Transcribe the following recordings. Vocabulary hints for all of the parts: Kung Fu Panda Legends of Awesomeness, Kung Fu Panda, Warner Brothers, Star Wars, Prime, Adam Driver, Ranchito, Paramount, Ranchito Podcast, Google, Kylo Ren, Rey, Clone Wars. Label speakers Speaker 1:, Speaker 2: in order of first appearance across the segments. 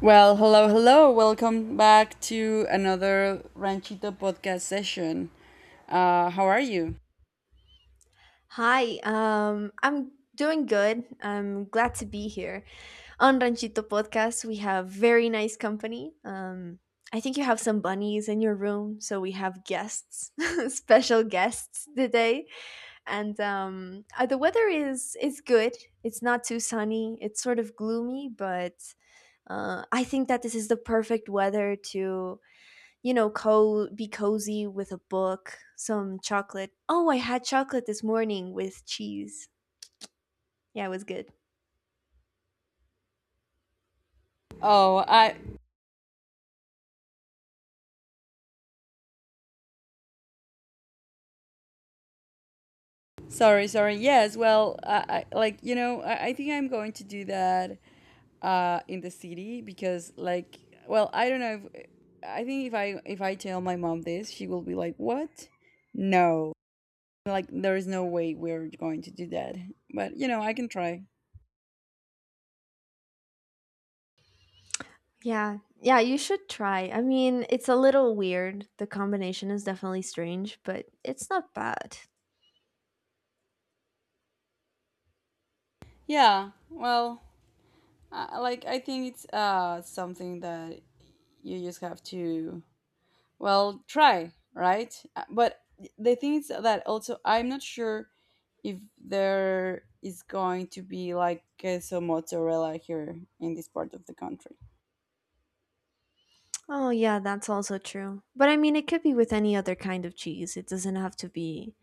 Speaker 1: Well, hello, hello. Welcome back to another Ranchito podcast session. How are you?
Speaker 2: Hi, I'm doing good. I'm glad to be here. On Ranchito Podcast, we have very nice company. I think you have some bunnies in your room, so we have guests, special guests today. And the weather is good. It's not too sunny. It's sort of gloomy, but I think that this is the perfect weather to be cozy with a book, some chocolate. Oh, I had chocolate this morning with cheese. Yeah, it was good.
Speaker 1: Oh, I sorry, sorry. Yes, well, I like I think I'm going to do that in the city because I don't know if I think if I tell my mom this, she will be like, "What? No." Like there is no way we're going to do that. But, you know, I can try.
Speaker 2: Yeah. Yeah, you should try. I mean, it's a little weird. The combination is definitely strange, but it's not bad.
Speaker 1: Yeah. Like I think it's something that you just have to try, right? But the thing is that also I'm not sure if there is going to be like queso mozzarella here in this part of the country.
Speaker 2: Oh, yeah, that's also true. But I mean, it could be with any other kind of cheese. It doesn't have to be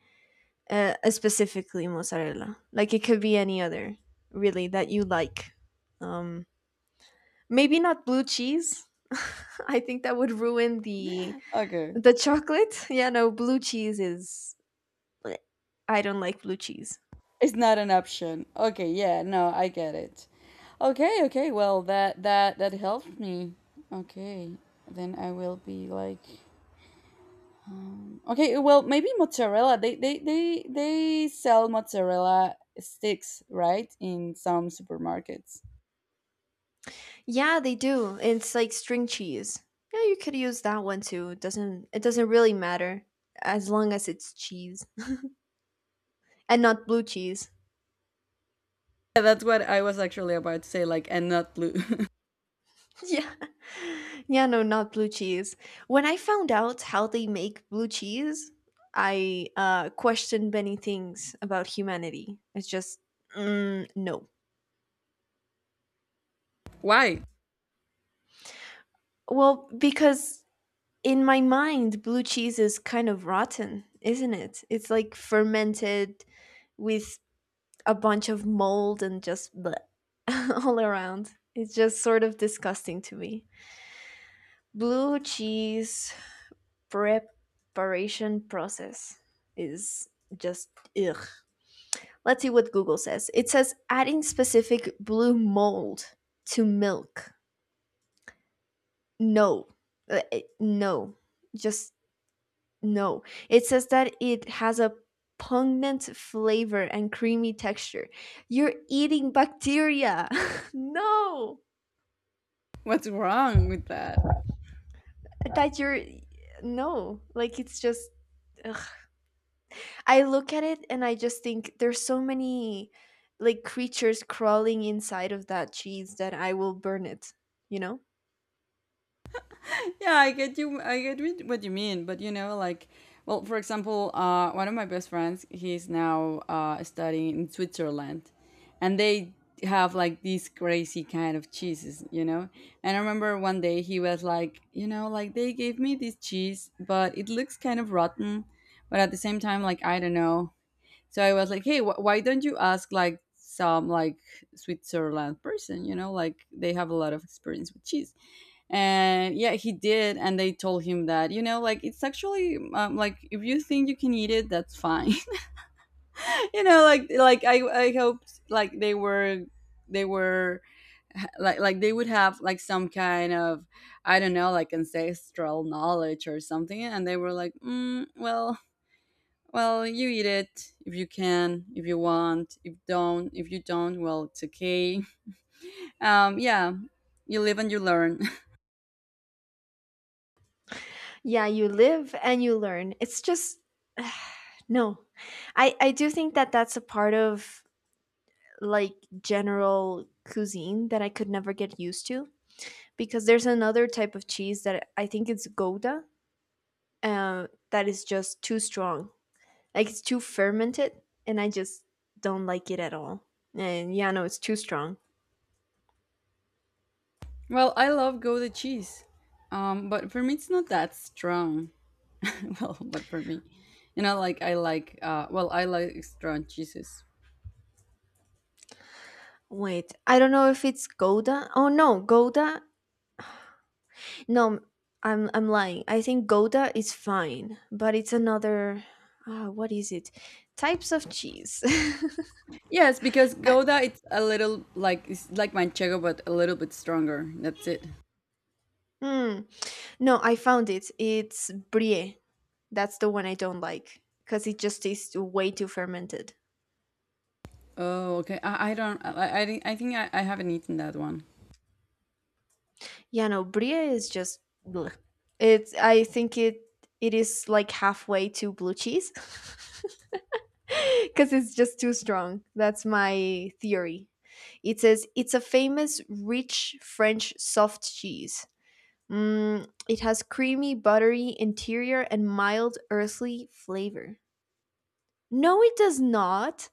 Speaker 2: specifically mozzarella. Like, it could be any other, really, that you like. Um, maybe not blue cheese. I think that would ruin the
Speaker 1: Okay.
Speaker 2: chocolate. Yeah, no, blue cheese is I don't like blue cheese.
Speaker 1: It's not an option. Okay, yeah, no, I get it. Okay, okay. Well, that helped me. Okay. Then I will be like Okay, well, maybe mozzarella. They sell mozzarella sticks, right, in some supermarkets.
Speaker 2: Yeah, they do. It's like string cheese. Yeah, you could use that one too. It doesn't really matter as long as it's cheese and not blue cheese.
Speaker 1: Yeah, that's what I was actually about to say, like, and not blue.
Speaker 2: Yeah. Yeah, no, not blue cheese. When I found out how they make blue cheese, I questioned many things about humanity. It's just no.
Speaker 1: Why?
Speaker 2: Well, because in my mind blue cheese is kind of rotten, isn't it? It's like fermented with a bunch of mold and just bleh, all around. It's just sort of disgusting to me. Blue cheese preparation process is just ugh. Let's see what Google says. It says adding specific blue mold to milk. No. No. Just no. It says that it has a pungent flavor and creamy texture. You're eating bacteria. No.
Speaker 1: What's wrong with that?
Speaker 2: That you're no, like it's just ugh. I look at it and I just think there's so many like creatures crawling inside of that cheese that I will burn it you know
Speaker 1: Yeah, I get you. I get what you mean, but you know, like, well, for example, one of my best friends, he's now studying in Switzerland, and they have like these crazy kind of cheeses, you know. And I remember 1 day he was like, you know, like they gave me this cheese, but it looks kind of rotten, but at the same time, like I don't know. So I was like, hey, why don't you ask like some like Switzerland person, you know, like they have a lot of experience with cheese. And yeah, he did, and they told him that you know like it's actually like if you think you can eat it that's fine. You know, like I hoped like they were like they would have like some kind of, I don't know, like ancestral knowledge or something, and they were like mm, well, well, you eat it if you can, if you want, if you don't, well, it's okay. Yeah, you live and you learn.
Speaker 2: yeah, you live and you learn. It's just no. I do think that that's a part of, like, general cuisine that I could never get used to because there's another type of cheese that I think it's Gouda, that is just too strong. Like it's too fermented, and I just don't like it at all. And yeah, no, it's too strong.
Speaker 1: Well, I love Gouda cheese, but for me it's not that strong. Well, but for me, you know, like I like, I like strong cheeses.
Speaker 2: Wait, I don't know if it's Gouda. Oh no, Gouda. No, I'm lying. I think Gouda is fine, but it's another. What is it? Types of cheese.
Speaker 1: Yes, because
Speaker 2: I-
Speaker 1: Gouda it's a little like it's like manchego, but a little bit stronger. That's it.
Speaker 2: Hmm. No, I found it. It's brie. That's the one I don't like because it just tastes way too fermented.
Speaker 1: Oh, okay. I don't. I think I haven't eaten that one.
Speaker 2: Yeah, no, brie is just bleh. It's. I think it is like halfway to blue cheese because it's just too strong. That's my theory. It says it's a famous, rich French soft cheese. It has creamy, buttery interior and mild, earthly flavor. No, it does not.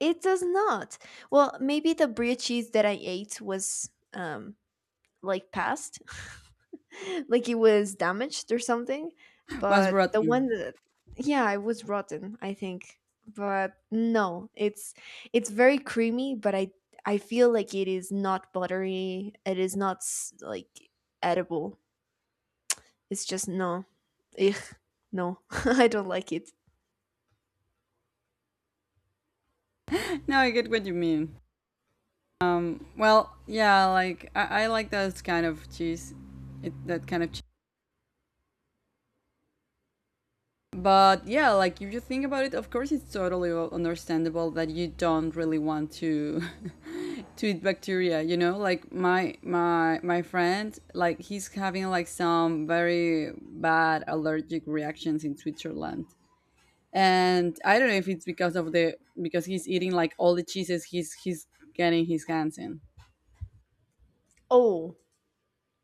Speaker 2: It does not. Well, maybe the brie cheese that I ate was like passed, like it was damaged or something.
Speaker 1: Was
Speaker 2: But the one
Speaker 1: rotten.
Speaker 2: that, yeah, it was rotten, I think. But no, it's very creamy, but I feel like it is not buttery. It is not like edible. It's just no. Ugh, no, I don't like it.
Speaker 1: No, I get what you mean. Well, yeah. Like I like those kind of cheese. That kind of cheese. But yeah, like if you think about it, of course it's totally understandable that you don't really want to to eat bacteria, you know? Like my friend, like he's having like some very bad allergic reactions in Switzerland. And I don't know if it's because of the because he's eating like all the cheeses he's getting his hands in.
Speaker 2: Oh,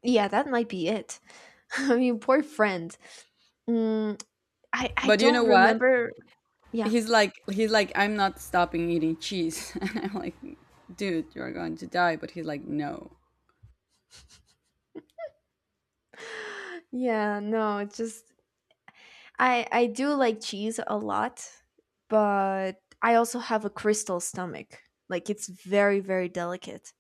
Speaker 2: yeah, that might be it. I mean, poor friend. Mm, I
Speaker 1: But you know
Speaker 2: don't
Speaker 1: what?
Speaker 2: remember. Yeah.
Speaker 1: He's like I'm not stopping eating cheese. And I'm like, dude, you're going to die, but he's like no.
Speaker 2: Yeah, no, it's just I do like cheese a lot, but I also have a crystal stomach. Like it's very, very delicate.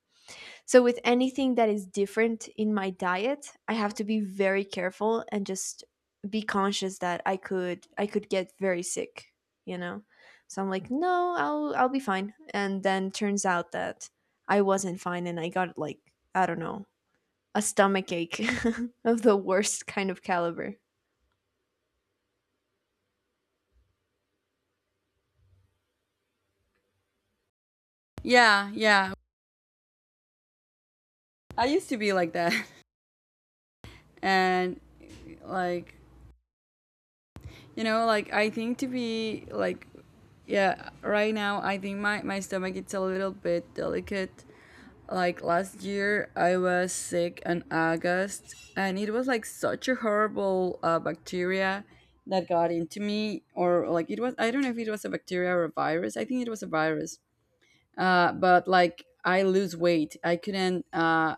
Speaker 2: So with anything that is different in my diet, I have to be very careful and just be conscious that I could get very sick, you know. So I'm like, "No, I'll be fine." And then turns out that I wasn't fine and I got like, I don't know, a stomach ache of the worst kind of caliber.
Speaker 1: Yeah, yeah. I used to be like that. And like, you know, like I think to be like yeah, right now I think my stomach it's a little bit delicate. Like last year I was sick in August and it was like such a horrible bacteria that got into me, or like it was I don't know if it was a bacteria or a virus. I think it was a virus. But like I lose weight. I couldn't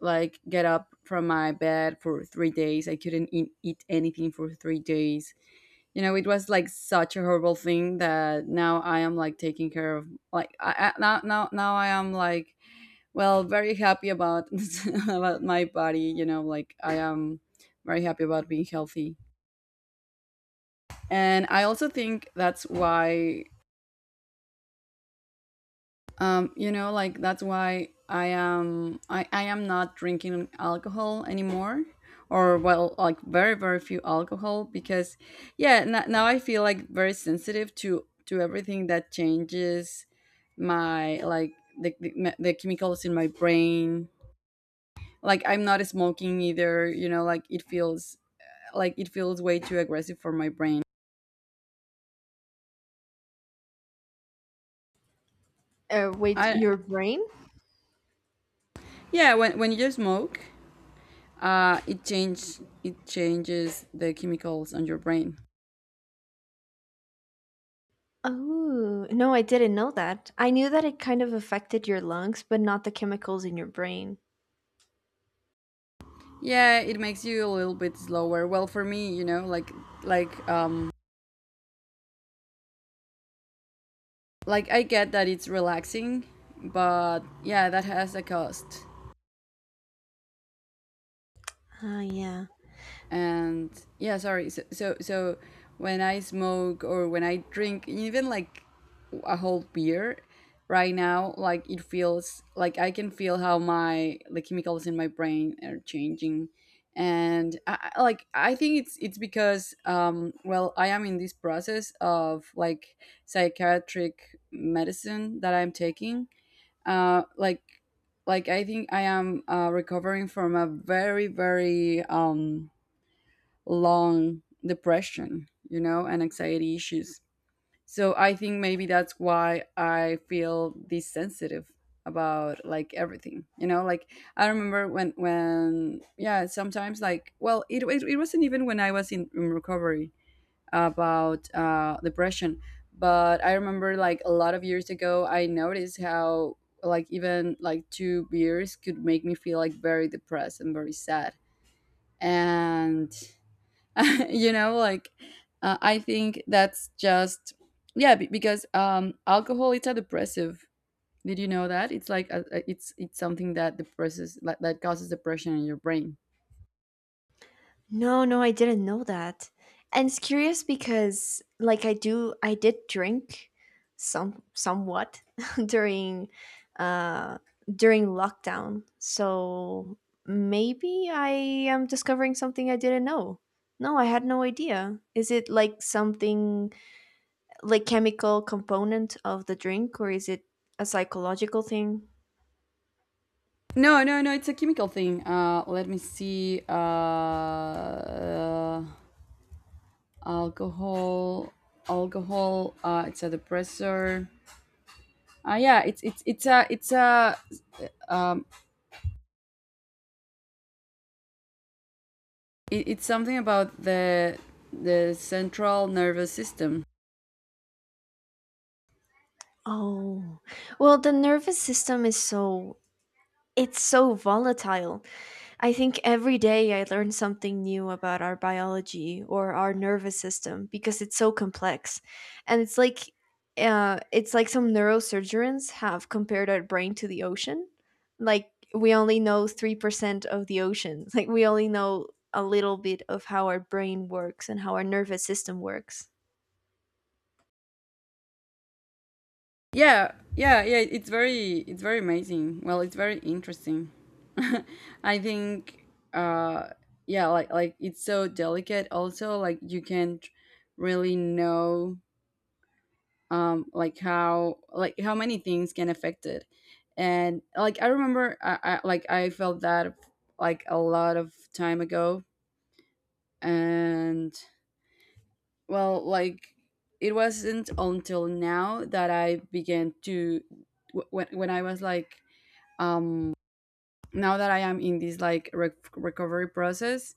Speaker 1: Like get up from my bed for 3 days. I couldn't eat anything for 3 days. You know, it was like such a horrible thing that now I am like taking care of. Like I now I am like well very happy about about my body. You know, like I am very happy about being healthy. And I also think that's why that's why I am not drinking alcohol anymore or well like very few alcohol, because yeah, now I feel like very sensitive to everything that changes my like the, the, the chemicals in my brain. Like I'm not smoking either, you know, like it feels way too aggressive for my brain.
Speaker 2: Wait,
Speaker 1: I
Speaker 2: your brain?
Speaker 1: Yeah, when you smoke, it change it changes the chemicals on your brain.
Speaker 2: Oh, no, I didn't know that. I knew that it kind of affected your lungs, but not the chemicals in your brain.
Speaker 1: Yeah, it makes you a little bit slower. Well, for me, you know, like um I get that it's relaxing, but yeah, that has a cost.
Speaker 2: Ah, yeah.
Speaker 1: And yeah, sorry, so when I smoke or when I drink even like a whole beer right now, like it feels like I can feel how my the chemicals in my brain are changing. And like I think it's because well I am in this process of like psychiatric medicine that I'm taking, uh like like I think I am recovering from a very very long depression, you know, and anxiety issues. So I think maybe that's why I feel desensitive about like everything, you know, like I remember when yeah, sometimes like well it wasn't even when I was in recovery about depression, but I remember like a lot of years ago I noticed how like even like 2 beers could make me feel like very depressed and very sad, and you know like I think that's just yeah because alcohol it's a depressive. Did you know that? It's like it's something that depresses, like, that causes depression in your brain.
Speaker 2: No, no, I didn't know that. And it's curious because like I did drink somewhat during uh during lockdown. So maybe I am discovering something I didn't know. No, I had no idea. Is it like something like chemical component of the drink or is it a psychological thing?
Speaker 1: No No, it's a chemical thing. Let me see. Alcohol Alcohol, it's a depressor. Yeah, um it, it's something about the central nervous system.
Speaker 2: Oh, well, the nervous system is so, it's so volatile. I think every day I learn something new about our biology or our nervous system because it's so complex. And it's like some neurosurgeons have compared our brain to the ocean. Like we only know 3% of the ocean. Like we only know a little bit of how our brain works and how our nervous system works.
Speaker 1: Yeah, yeah, yeah. It's very amazing. Well, it's very interesting. I think, uh, yeah, like it's so delicate. Also, like you can't really know, like how many things can affect it, and like I remember, I like I felt that like a lot of time ago, and well, like it wasn't until now that I began to when I was like um now that I am in this like recovery process,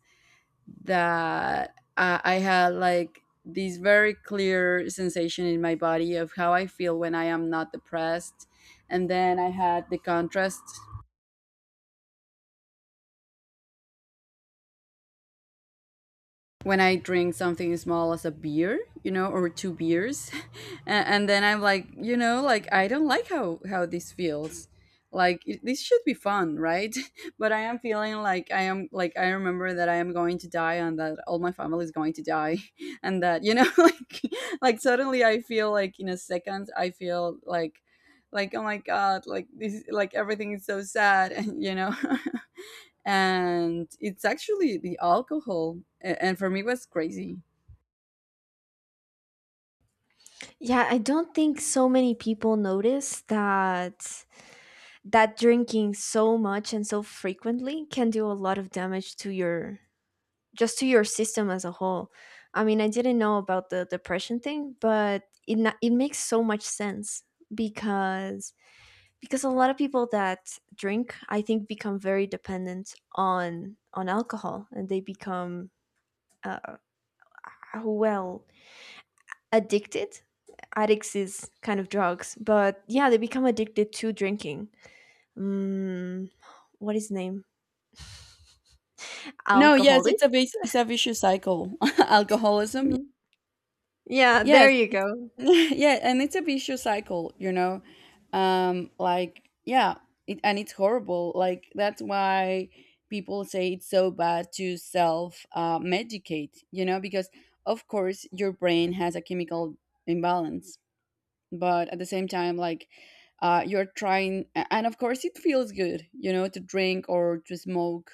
Speaker 1: that I had like this very clear sensation in my body of how I feel when I am not depressed, and then I had the contrast when I drink something small as a beer, you know, or 2 beers, and then I'm like, you know, like I don't like how this feels. Like this should be fun, right? But I am feeling like I remember that I am going to die, and that all my family is going to die, and that you know, like suddenly I feel like in a second I feel like oh my god, like this like everything is so sad, and you know. And it's actually the alcohol. And for me, it was crazy.
Speaker 2: Yeah, I don't think so many people notice that drinking so much and so frequently can do a lot of damage to your, just to your system as a whole. I mean, I didn't know about the depression thing, but it makes so much sense because a lot of people that drink, I think, become very dependent on alcohol, and they become uh, well, addicted. Addicts is kind of drugs, but yeah, they become addicted to drinking. Mm, what is his name?
Speaker 1: No, yes,
Speaker 2: Alcoholic.
Speaker 1: it's it's a vicious cycle. Alcoholism.
Speaker 2: Mhm. Yeah, there
Speaker 1: Yes,
Speaker 2: you
Speaker 1: it's
Speaker 2: go.
Speaker 1: yeah, and it's a vicious cycle, you know. Like yeah, and it's horrible. Like that's why people say it's so bad to self medicate, you know, because of course your brain has a chemical imbalance, but at the same time, like you're trying and of course it feels good, you know, to drink or to smoke.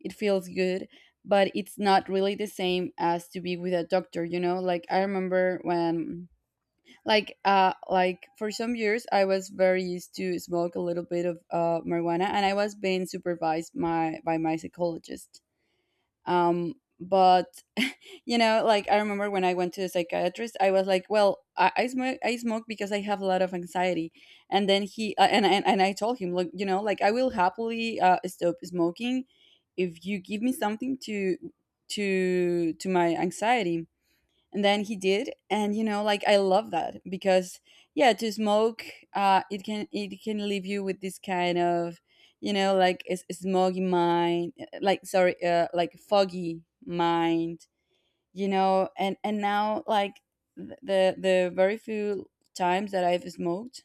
Speaker 1: It feels good, but it's not really the same as to be with a doctor, you know. Like I remember when, like for some years I was very used to smoke a little bit of marijuana, and I was being supervised my by my psychologist. um but you know, like I remember when I went to the psychiatrist, I was like, well, I smoke. I smoke because I have a lot of anxiety. And then he and I told him, look, you know, like I will happily stop smoking if you give me something to to my anxiety. And then he did, and you know, like I love that because, yeah, to smoke, it can, it can leave you with this kind of, you know, like a smoggy mind, like, sorry, like foggy mind, you know. And now, like, the very few times that I've smoked,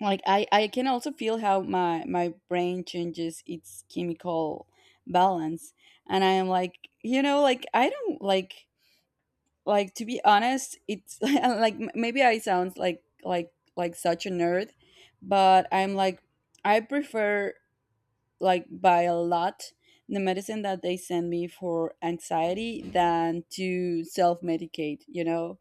Speaker 1: like I can also feel how my brain changes its chemical balance. And I am like, you know, like I don't like, to be honest, it's like maybe I sound like like such a nerd, but I'm like, I prefer, like by a lot, the medicine that they send me for anxiety than to self-medicate, you know.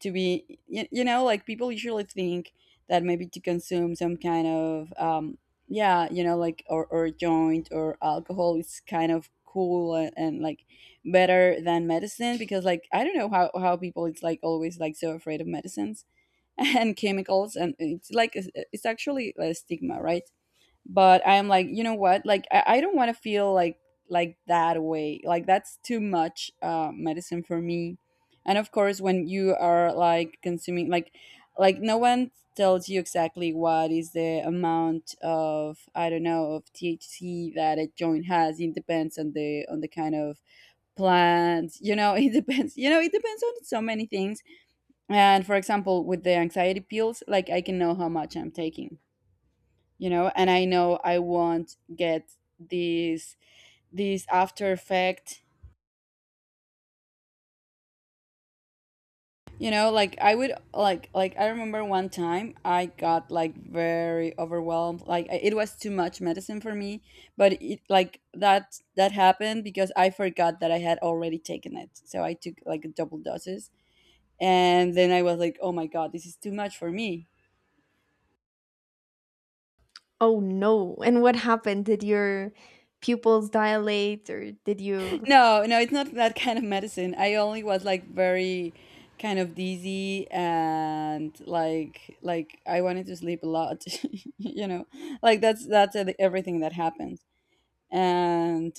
Speaker 1: To be you know, like people usually think that maybe to consume some kind of yeah, you know, like or joint or alcohol is kind of cool, and like better than medicine, because like I don't know how people, it's like always like so afraid of medicines and chemicals, and it's like it's actually a stigma, right? But I'm like, you know what, like I don't want to feel like that way, like that's too much medicine for me. And of course, when you are like consuming, like no one tells you exactly what is the amount of, I don't know, of THC that a joint has. It depends on the kind of plant, you know. It depends, you know, it depends on so many things. And for example, with the anxiety pills, like I can know how much I'm taking, you know. And I know I won't get these these after effect, you know. Like I would like I remember one time I got like very overwhelmed. Like it was too much medicine for me. But it, like, that happened because I forgot that I had already taken it, so I took like double doses, and then I was like, oh my god, this is too much for me.
Speaker 2: Oh no. And what happened? Did your pupils dilate or did you...
Speaker 1: No, no, it's not that kind of medicine. I only was like very kind of dizzy and like I wanted to sleep a lot, you know. Like that's everything that happens. And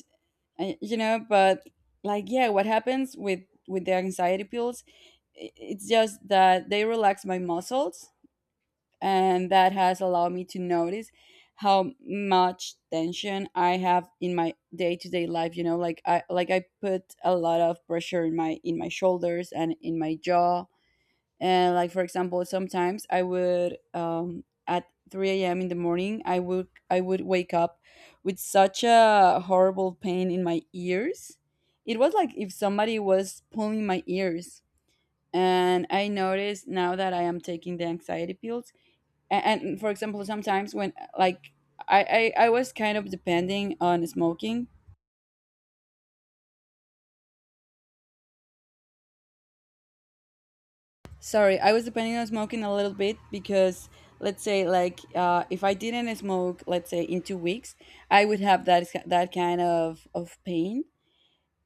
Speaker 1: you know, but like, yeah, what happens with the anxiety pills, it's just that they relax my muscles, and that has allowed me to notice how much tension I have in my day-to-day life, you know. Like I put a lot of pressure in my shoulders and in my jaw. And like for example, sometimes I would at 3 a.m. in the morning I would wake up with such a horrible pain in my ears. It was like if somebody was pulling my ears. And I noticed now that I am taking the anxiety pills. And for example, sometimes when, like, I was kind of depending on smoking, sorry, I was depending on smoking a little bit, because let's say like, if I didn't smoke, let's say in 2 weeks, I would have that kind of pain.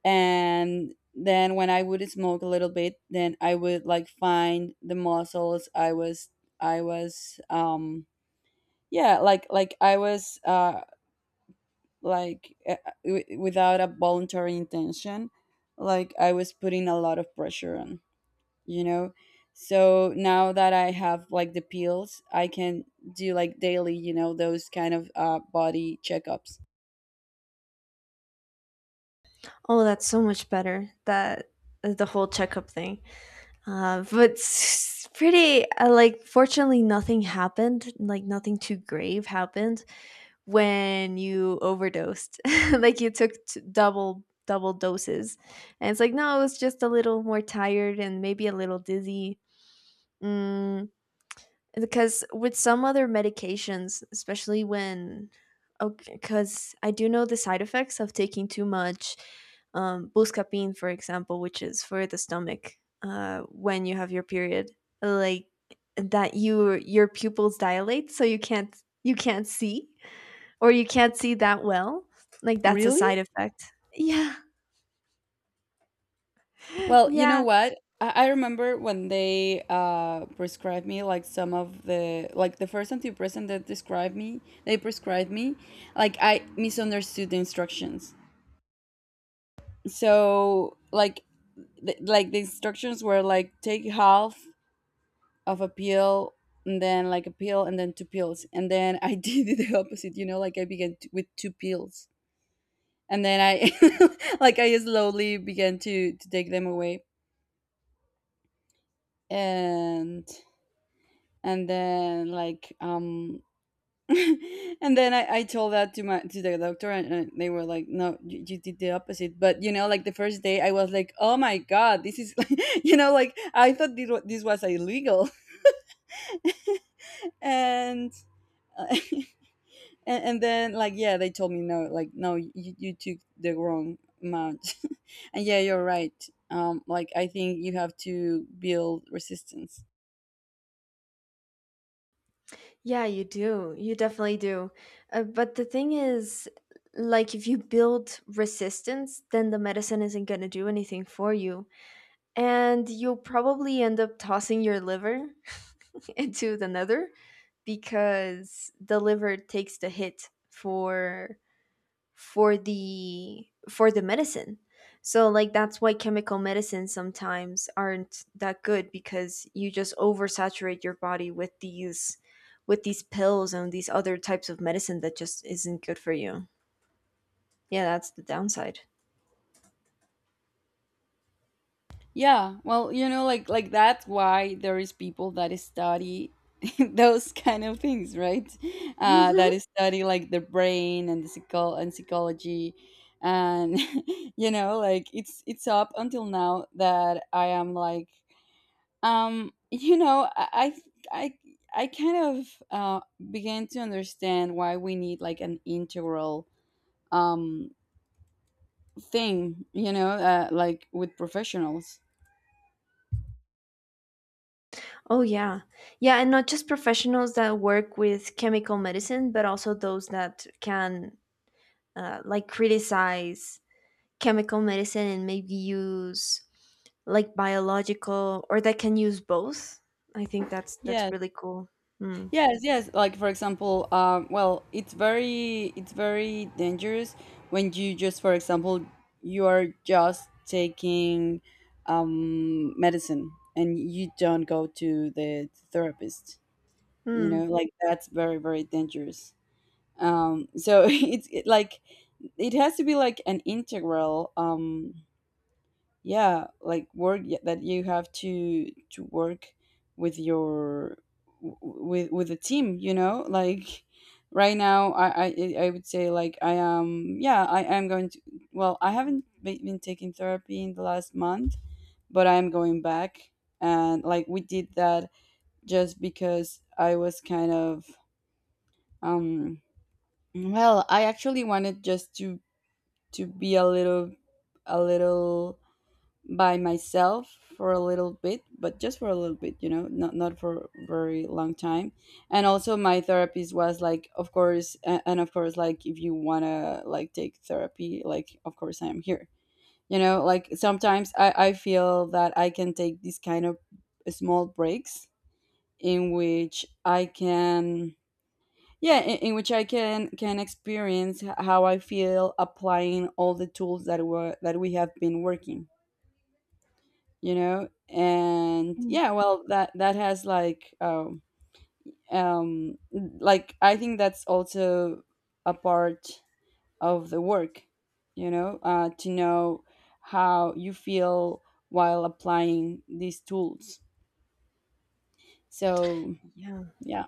Speaker 1: And then when I would smoke a little bit, then I would like find the muscles. I was, I was yeah, like I was like, without a voluntary intention, like I was putting a lot of pressure on, you know. So now that I have like the pills, I can do like daily, you know, those kind of body checkups.
Speaker 2: Oh, that's so much better. That the whole checkup thing. But it's pretty like fortunately nothing happened, like nothing too grave happened when you overdosed. Like you took double doses. And it's like no, I was just a little more tired and maybe a little dizzy. Mm, because with some other medications, especially when, okay, because I do know the side effects of taking too much buscapine for example, which is for the stomach when you have your period, like that your pupils dilate, so you can't see, or you can't see that well. Like that's a
Speaker 1: Really?
Speaker 2: side effect. Yeah.
Speaker 1: Well, you know
Speaker 2: Yeah.
Speaker 1: what, I remember when they prescribed me like some of the, like, the first antidepressant that described me, they prescribed me, like I misunderstood the instructions. So like, like the instructions were like, take half of a pill, and then like a pill, and then two pills. And then I did the opposite, you know. Like I began with two pills, and then I like I slowly began to take them away. and and then like and then I told that to my, to the doctor, and they were like, no, you did the opposite. But you know, like the first day I was like, oh my god, this is you know, like I thought this was illegal. and and, and then like, yeah, they told me, no, like, no, you took the wrong amount. And yeah, you're right. Like I think you have to build resistance.
Speaker 2: Yeah, you do. You definitely do. But the thing is, like, if you build resistance, then the medicine isn't going to do anything for you. And you'll probably end up tossing your liver into the nether, because the liver takes the hit for the medicine. So like that's why chemical medicines sometimes aren't that good, because you just oversaturate your body with these pills and these other types of medicine that just isn't good for you. Yeah, that's the downside.
Speaker 1: Yeah, well, you know, like that's why there is people that study those kind of things, right?
Speaker 2: Hmm.
Speaker 1: That study like the brain and the psycho- and psychology. And you know, like it's up until now that I am like, um, you know, I I kind of began to understand why we need like an integral um thing, you know, like with professionals.
Speaker 2: Oh yeah. Yeah, and not just professionals that work with chemical medicine, but also those that can like criticize chemical medicine and maybe use like biological, or that can use both. I think that's
Speaker 1: Yes,
Speaker 2: really cool. Hmm.
Speaker 1: yes. Like for example, well, it's very dangerous when you just, for example, you are just taking medicine and you don't go to the therapist. You know,
Speaker 2: Hmm.
Speaker 1: like that's very dangerous. So it, like it has to be like an integral yeah, like work that you have to work with your with a team, you know. Like right now, I would say, like, I am, yeah, I am going to, well, I haven't been taking therapy in the last month, but I'm going back. And like we did that just because I was kind of, um, well, I actually wanted just to be a little, a little by myself for a little bit, but just for a little bit, you know, not for very long time. And also my therapist was like, of course, and of course, like, if you want to like take therapy, like of course I am here. You know, like sometimes I feel that I can take these kind of small breaks in which I can, yeah, in which I can experience how I feel applying all the tools that were that we have been working, you know. And
Speaker 2: Hmm.
Speaker 1: yeah, well, that has like, um, um, like I think that's also a part of the work, you know, to know how you feel while applying these tools. So
Speaker 2: Yeah.
Speaker 1: yeah.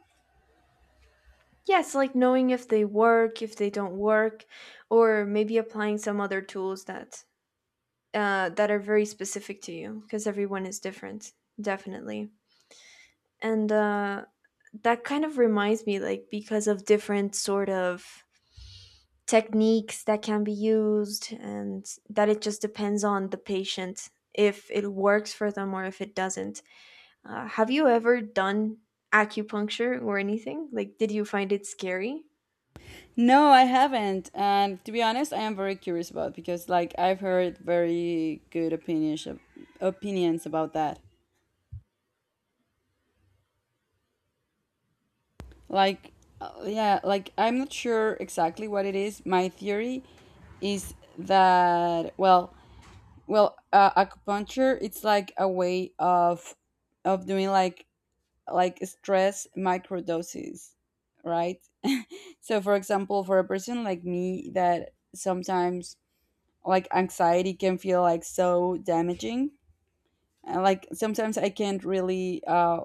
Speaker 2: Yes, like knowing if they work, if they don't work, or maybe applying some other tools that that are very specific to you because everyone is different, definitely. And that kind of reminds me, like, because of different sort of techniques that can be used and that it just depends on the patient if it works for them or if it doesn't. Have you ever done acupuncture or anything? Like, did you find it scary?
Speaker 1: No, I haven't. And to be honest, I am very curious about it because like I've heard very good opinions about that. Like, yeah, like I'm not sure exactly what it is. My theory is that, well, well, acupuncture, it's like a way of doing like stress microdoses, right? So for example, for a person like me that sometimes, like, anxiety can feel like so damaging, and like sometimes I can't really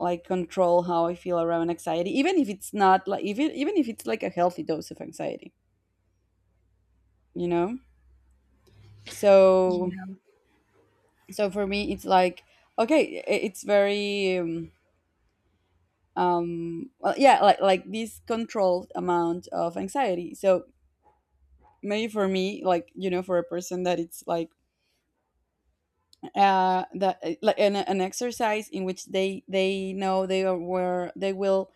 Speaker 1: like control how I feel around anxiety, even if it's not like, even even if it's like a healthy dose of anxiety, you know. So
Speaker 2: Yeah.
Speaker 1: so for me it's like, okay, it's very um, well, yeah, like this controlled amount of anxiety. So maybe for me, like, you know, for a person that it's like, that like an exercise in which they know they are, where they will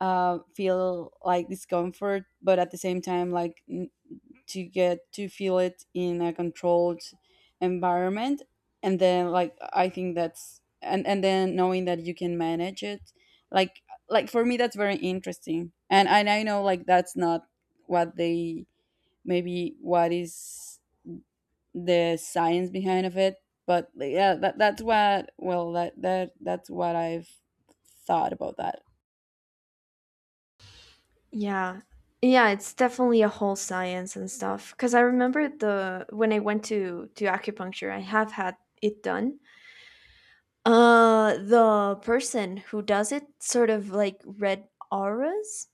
Speaker 1: feel like discomfort, but at the same time, like, to get to feel it in a controlled environment, and then like I think that's, and then knowing that you can manage it, like like for me that's very interesting. And I know like that's not what they, maybe what is the science behind of it. But like, yeah, that's what, well, that's what I've thought about that.
Speaker 2: Yeah, yeah, it's definitely a whole science and stuff. Because I remember the when I went to acupuncture, I have had it done. The person who does it sort of like read auras.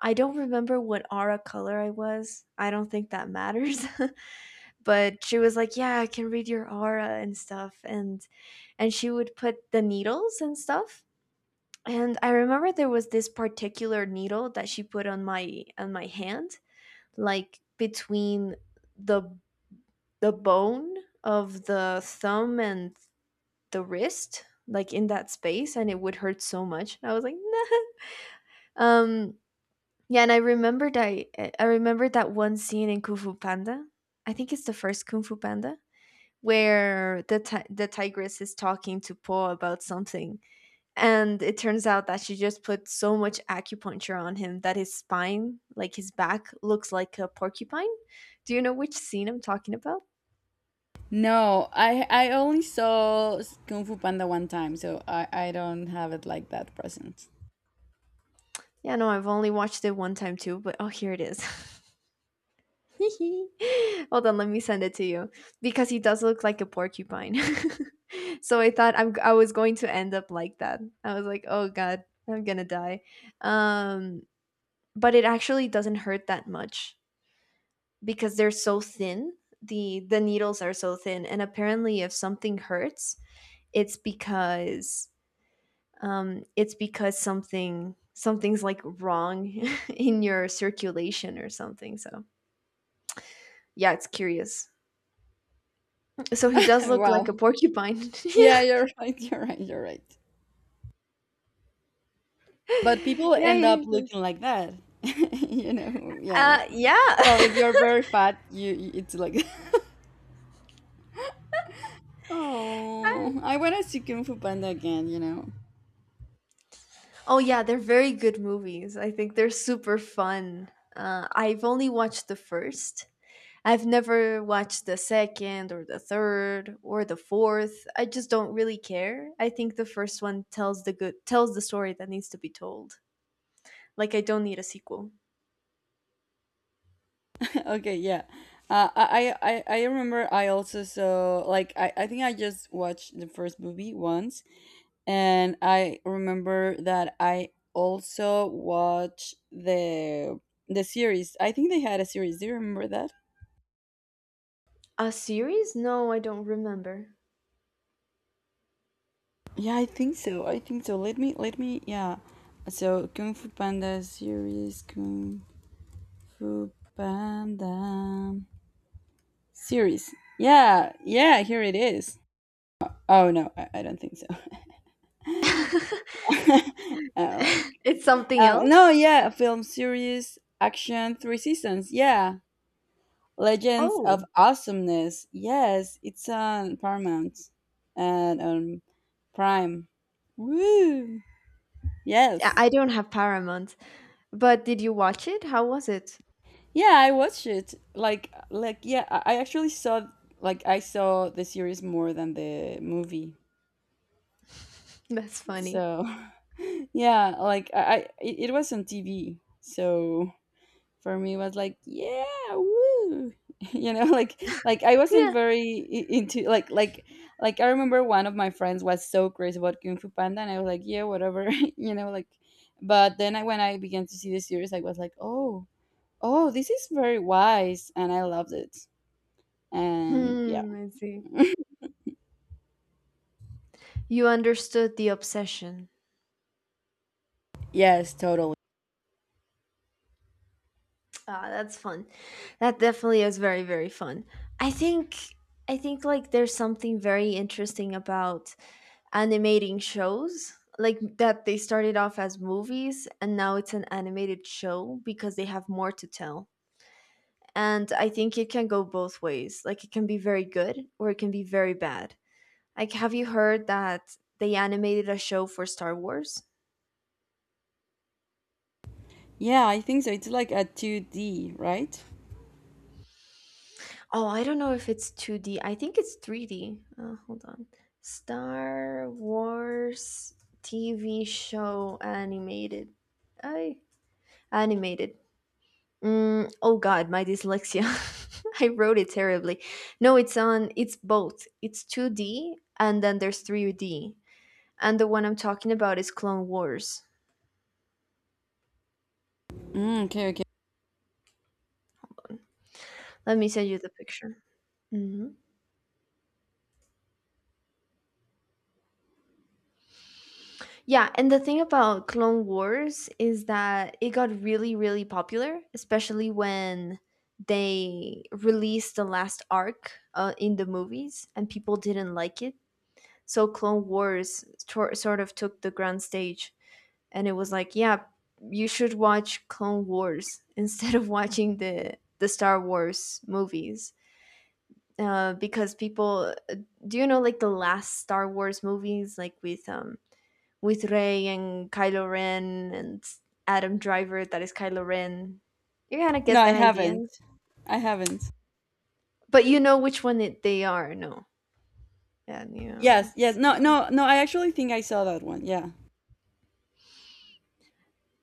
Speaker 2: I don't remember what aura color I was. I don't think that matters. But she was like, "Yeah, I can read your aura and stuff." And she would put the needles and stuff. And I remember there was this particular needle that she put on my hand, like between the the bone of the thumb and the wrist, like in that space, and it would hurt so much and I was like, nah. Yeah. And I remembered that one scene in Kung Fu Panda. I think it's the first Kung Fu Panda, where the the tigress is talking to Po about something, and it turns out that she just put so much acupuncture on him that his spine, like his back, looks like a porcupine. Do you know which scene I'm talking about?
Speaker 1: No, I only saw Kung Fu Panda one time, so I don't have it like that present.
Speaker 2: Yeah, no, I've only watched it one time too, but oh, here it is. Hold on, let me send it to you because he does look like a porcupine. So I thought I was going to end up like that. I was like, oh god, I'm gonna die. Um, but it actually doesn't hurt that much because they're so thin. The needles are so thin, and apparently, if something hurts, it's because it's because something's like wrong in your circulation or something. So yeah, it's curious. So he does look like a
Speaker 1: Wow,
Speaker 2: porcupine.
Speaker 1: yeah,
Speaker 2: Yeah.
Speaker 1: you're right, you're right. But people
Speaker 2: Yeah,
Speaker 1: end up
Speaker 2: he does.
Speaker 1: looking like that, you know. Yeah, what? Well, if
Speaker 2: Yeah.
Speaker 1: you're very fat, you- it's like oh, I want to see Kung Fu Panda again, you know.
Speaker 2: Oh, yeah, they're very good movies. I think they're super fun. I've only watched the first. I've never watched the second or the third or the fourth. I just don't really care. I think the first one tells the good tells the story that needs to be told. Like I don't need a sequel.
Speaker 1: Okay, yeah. I remember I also saw, like, I think I just watched the first movie once, and I remember that I also watched the series. I think they had a series. Do you remember that?
Speaker 2: A series? No, I don't remember.
Speaker 1: Yeah, I think so. I think so. Let me, let me, yeah. So Kung Fu Panda series, Kung Fu Panda series. Yeah, yeah, here it is. Oh no, I don't think so.
Speaker 2: It's
Speaker 1: I'm like,
Speaker 2: something
Speaker 1: um, no,
Speaker 2: else?
Speaker 1: yeah, film series, action, three seasons. Yeah, Legends of
Speaker 2: Oh.
Speaker 1: Awesomeness. Yes, it's on Paramount and on Prime. Woo! Yes.
Speaker 2: I don't have Paramount, but did you watch it? How was it?
Speaker 1: Yeah, I watched it. Like, yeah, I actually saw, like, I saw the series more than the movie.
Speaker 2: That's funny.
Speaker 1: So, yeah, like, I it it was on TV. So for me was like yeah woo I wasn't
Speaker 2: Yeah.
Speaker 1: into I remember one of my friends was so crazy about Kung Fu Panda and I was like, yeah, whatever. you know like but then when I began to see the series I was like, oh, this is very wise and I loved it. And yeah.
Speaker 2: Hmm, I see. You understood the obsession.
Speaker 1: Yes, totally.
Speaker 2: Ah, that's fun. That definitely is very, very fun. I think I think like there's something very interesting about animating shows. Like that they started off as movies and now it's an animated show because they have more to tell. And I think it can go both ways. Like it can be very good or it can be very bad. Like, have you heard that they animated a show for Star Wars?
Speaker 1: Yeah, I think so. It's like a 2D, right?
Speaker 2: Oh, I don't know if it's 2D. I think it's 3D. Hold on. Star Wars TV show animated. I animated. Oh God, my dyslexia. I wrote it terribly. No, it's on. It's both. It's 2D and then there's 3D. And the one I'm talking about is Clone Wars.
Speaker 1: Okay, okay.
Speaker 2: Let me send you the picture. Mhm. Yeah, and the thing about Clone Wars is that it got really, really popular, especially when they released the last arc in the movies and people didn't like it. So Clone Wars sort of took the grand stage and it was like, yeah, you should watch Clone Wars instead of watching the Star Wars movies. Because people, do you know like the last Star Wars movies, like with Rey and Kylo Ren and Adam Driver, that is Kylo Ren. You kind of
Speaker 1: No,
Speaker 2: get
Speaker 1: I
Speaker 2: that idea,
Speaker 1: haven't. I haven't.
Speaker 2: but you know which one they are. No, and you
Speaker 1: Yes,
Speaker 2: know,
Speaker 1: yes. No,
Speaker 2: are.
Speaker 1: no, no, I actually think I saw that one, yeah.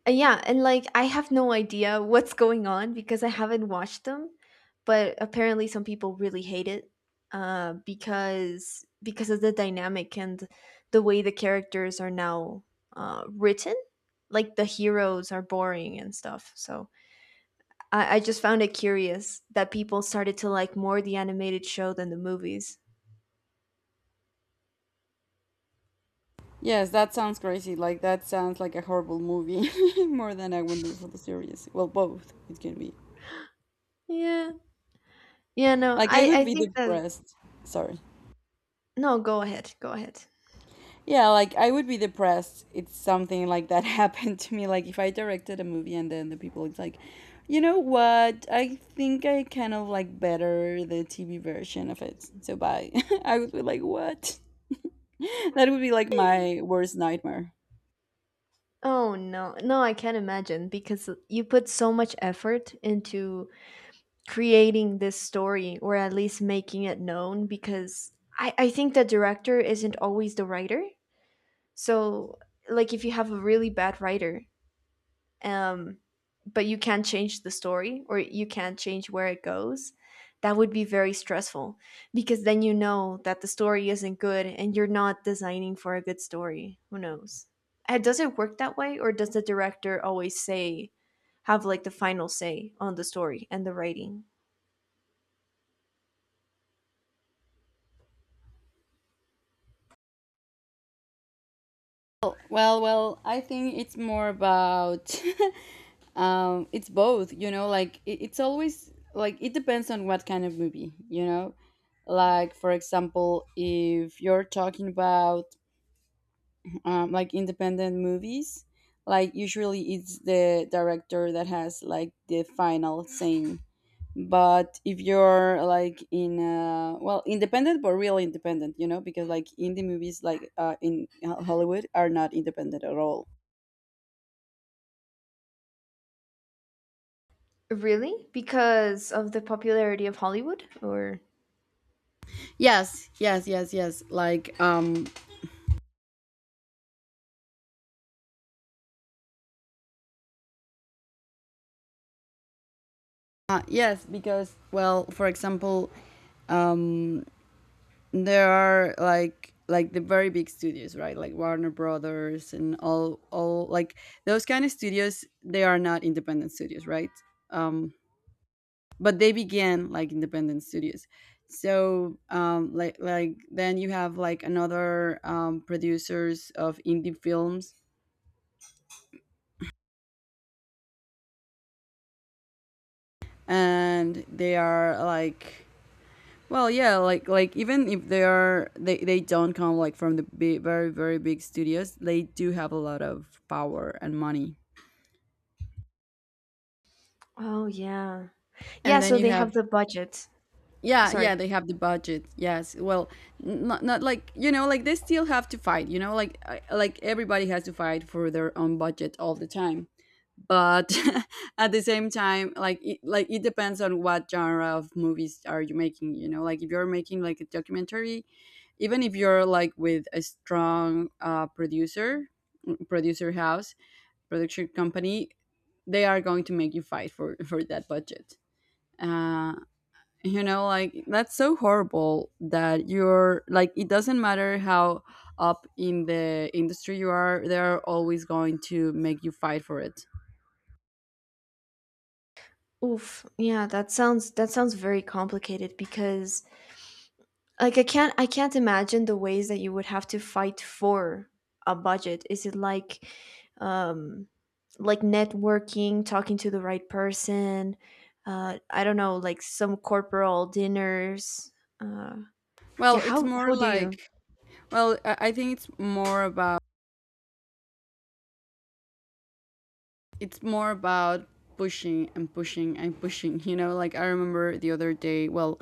Speaker 2: Yeah, and like I have no idea what's going on because I haven't watched them, but apparently some people really hate it because of the dynamic and the way the characters are now written. Like the heroes are boring and stuff. So I just found it curious that people started to like more the animated show than the movies.
Speaker 1: Yes, that sounds crazy. Like, that sounds like a horrible movie more than a wonderful series. Well, both it can be.
Speaker 2: Yeah. Yeah, no,
Speaker 1: Like, I
Speaker 2: I,
Speaker 1: would
Speaker 2: I
Speaker 1: be
Speaker 2: think that.
Speaker 1: depressed. Sorry.
Speaker 2: No, go ahead. Go ahead.
Speaker 1: Yeah, like I would be depressed if something like that happened to me. Like, if I directed a movie and then the people it's like, you know what? I think I kind of like better the TV version of it. So bye. I would be like, what? That would be like my worst nightmare.
Speaker 2: Oh, no. No, I can't imagine because you put so much effort into creating this story or at least making it known because I think the director isn't always the writer. So, like, if you have a really bad writer, um, but you can't change the story or you can't change where it goes, that would be very stressful because then you know that the story isn't good and you're not designing for a good story. Who knows? And does it work that way or does the director always say, have like the final say on the story and the writing?
Speaker 1: Well, I think it's more about it's both, you know, like it's always like it depends on what kind of movie, you know. Like, for example, if you're talking about like independent movies, like usually it's the director that has like the final say. But if you're like in well, independent but real independent, you know, because like indie movies like in Hollywood are not independent at all.
Speaker 2: Really? Because of the popularity of Hollywood or?
Speaker 1: Yes, like yes, because, well, for example, um, there are like the very big studios, right? Like Warner Brothers and all like those kind of studios. They are not independent studios, right? Um, but they began like independent studios. So then you have like another, producers of indie films, and they are like, well, yeah, like even if they are, they don't come like from the big, very very big studios, they do have a lot of power and money.
Speaker 2: Oh, yeah.
Speaker 1: And
Speaker 2: Yeah,
Speaker 1: then
Speaker 2: so
Speaker 1: you
Speaker 2: they have
Speaker 1: have,
Speaker 2: the budget.
Speaker 1: yeah, yeah,
Speaker 2: Sorry.
Speaker 1: they have the budget. Yes. Well, not like, you know, like they still have to fight, you know, like like everybody has to fight for their own budget all the time. But at the same time, like like it depends on what genre of movies are you making, you know, like if you're making like a documentary, even if you're like with a strong producer house, production company, they are going to make you fight for for that budget. Uh, you know, like that's so horrible that you're like it doesn't matter how up in the industry you are, they're always going to make you fight for it.
Speaker 2: Oof. Yeah, that sounds very complicated because like I can't imagine the ways that you would have to fight for a budget. Is it um like networking, talking to the right person, I don't know, like some corporal dinners. Uh
Speaker 1: Well,
Speaker 2: yeah,
Speaker 1: it's more
Speaker 2: how do
Speaker 1: like,
Speaker 2: you?
Speaker 1: well, I think it's more about, it's more about pushing and pushing and pushing. You know, like I remember the other day, well,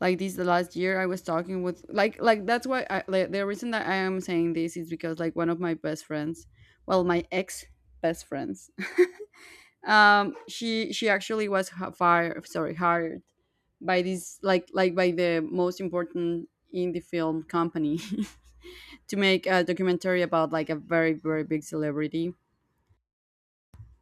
Speaker 1: like this the last year I was talking with, like, that's why the reason that I am saying this is because like one of my best friends, well, my ex best friends, she actually was h- fired sorry hired by this like by the most important indie film company to make a documentary about like a very, very big celebrity.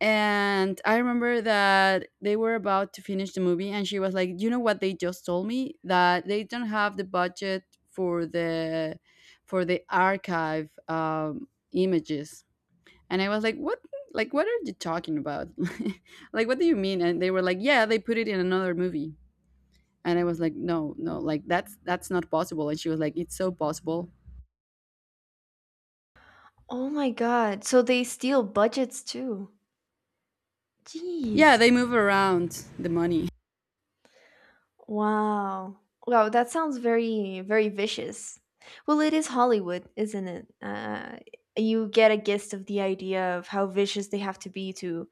Speaker 1: And I remember that they were about to finish the movie, and she was like, "You know what? They just told me that they don't have the budget for the, for the archive, images." And I was like, "What? Like, what are you talking about? Like, what do you mean?" And they were like, "Yeah, they put it in another movie." And I was like, "No, no, like that's not possible." And she was like, "It's so possible."
Speaker 2: Oh my god. So they steal budgets too. Jeez.
Speaker 1: Yeah, they move around the money.
Speaker 2: Wow. Wow, that sounds very, very vicious. Well, it is Hollywood, isn't it? You get a gist of the idea of how vicious they have to be to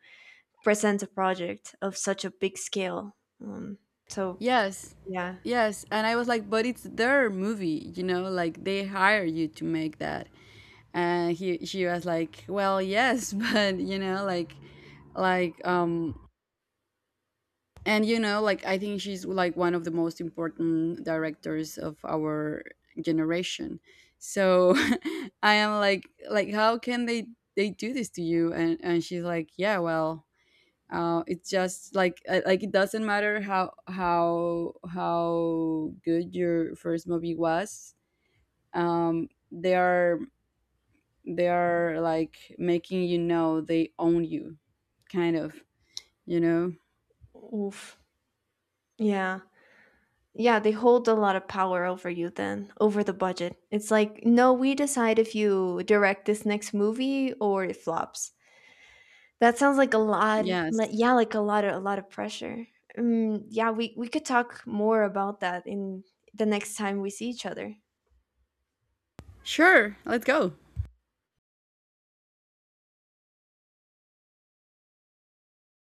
Speaker 2: present a project of such a big scale. Um, so,
Speaker 1: Yes.
Speaker 2: yeah.
Speaker 1: Yes. And I was like, but it's their movie, you know, like they hire you to make that. And he she was like, well, yes, but you know, like, like um and you know, like I think she's like one of the most important directors of our generation. So I am like, how can they do this to you? And she's like, yeah, well, it's just like, like it doesn't matter how good your first movie was. They are, they are like making, you know, they own you, kind of, you know.
Speaker 2: Oof. Yeah. Yeah, they hold a lot of power over you then, over the budget. It's like, no, we decide if you direct this next movie or it flops. That sounds like a lot.
Speaker 1: Yes.
Speaker 2: Like, yeah, like a lot of pressure. Yeah, we could talk more about that in the next time we see each other.
Speaker 1: Sure, let's go.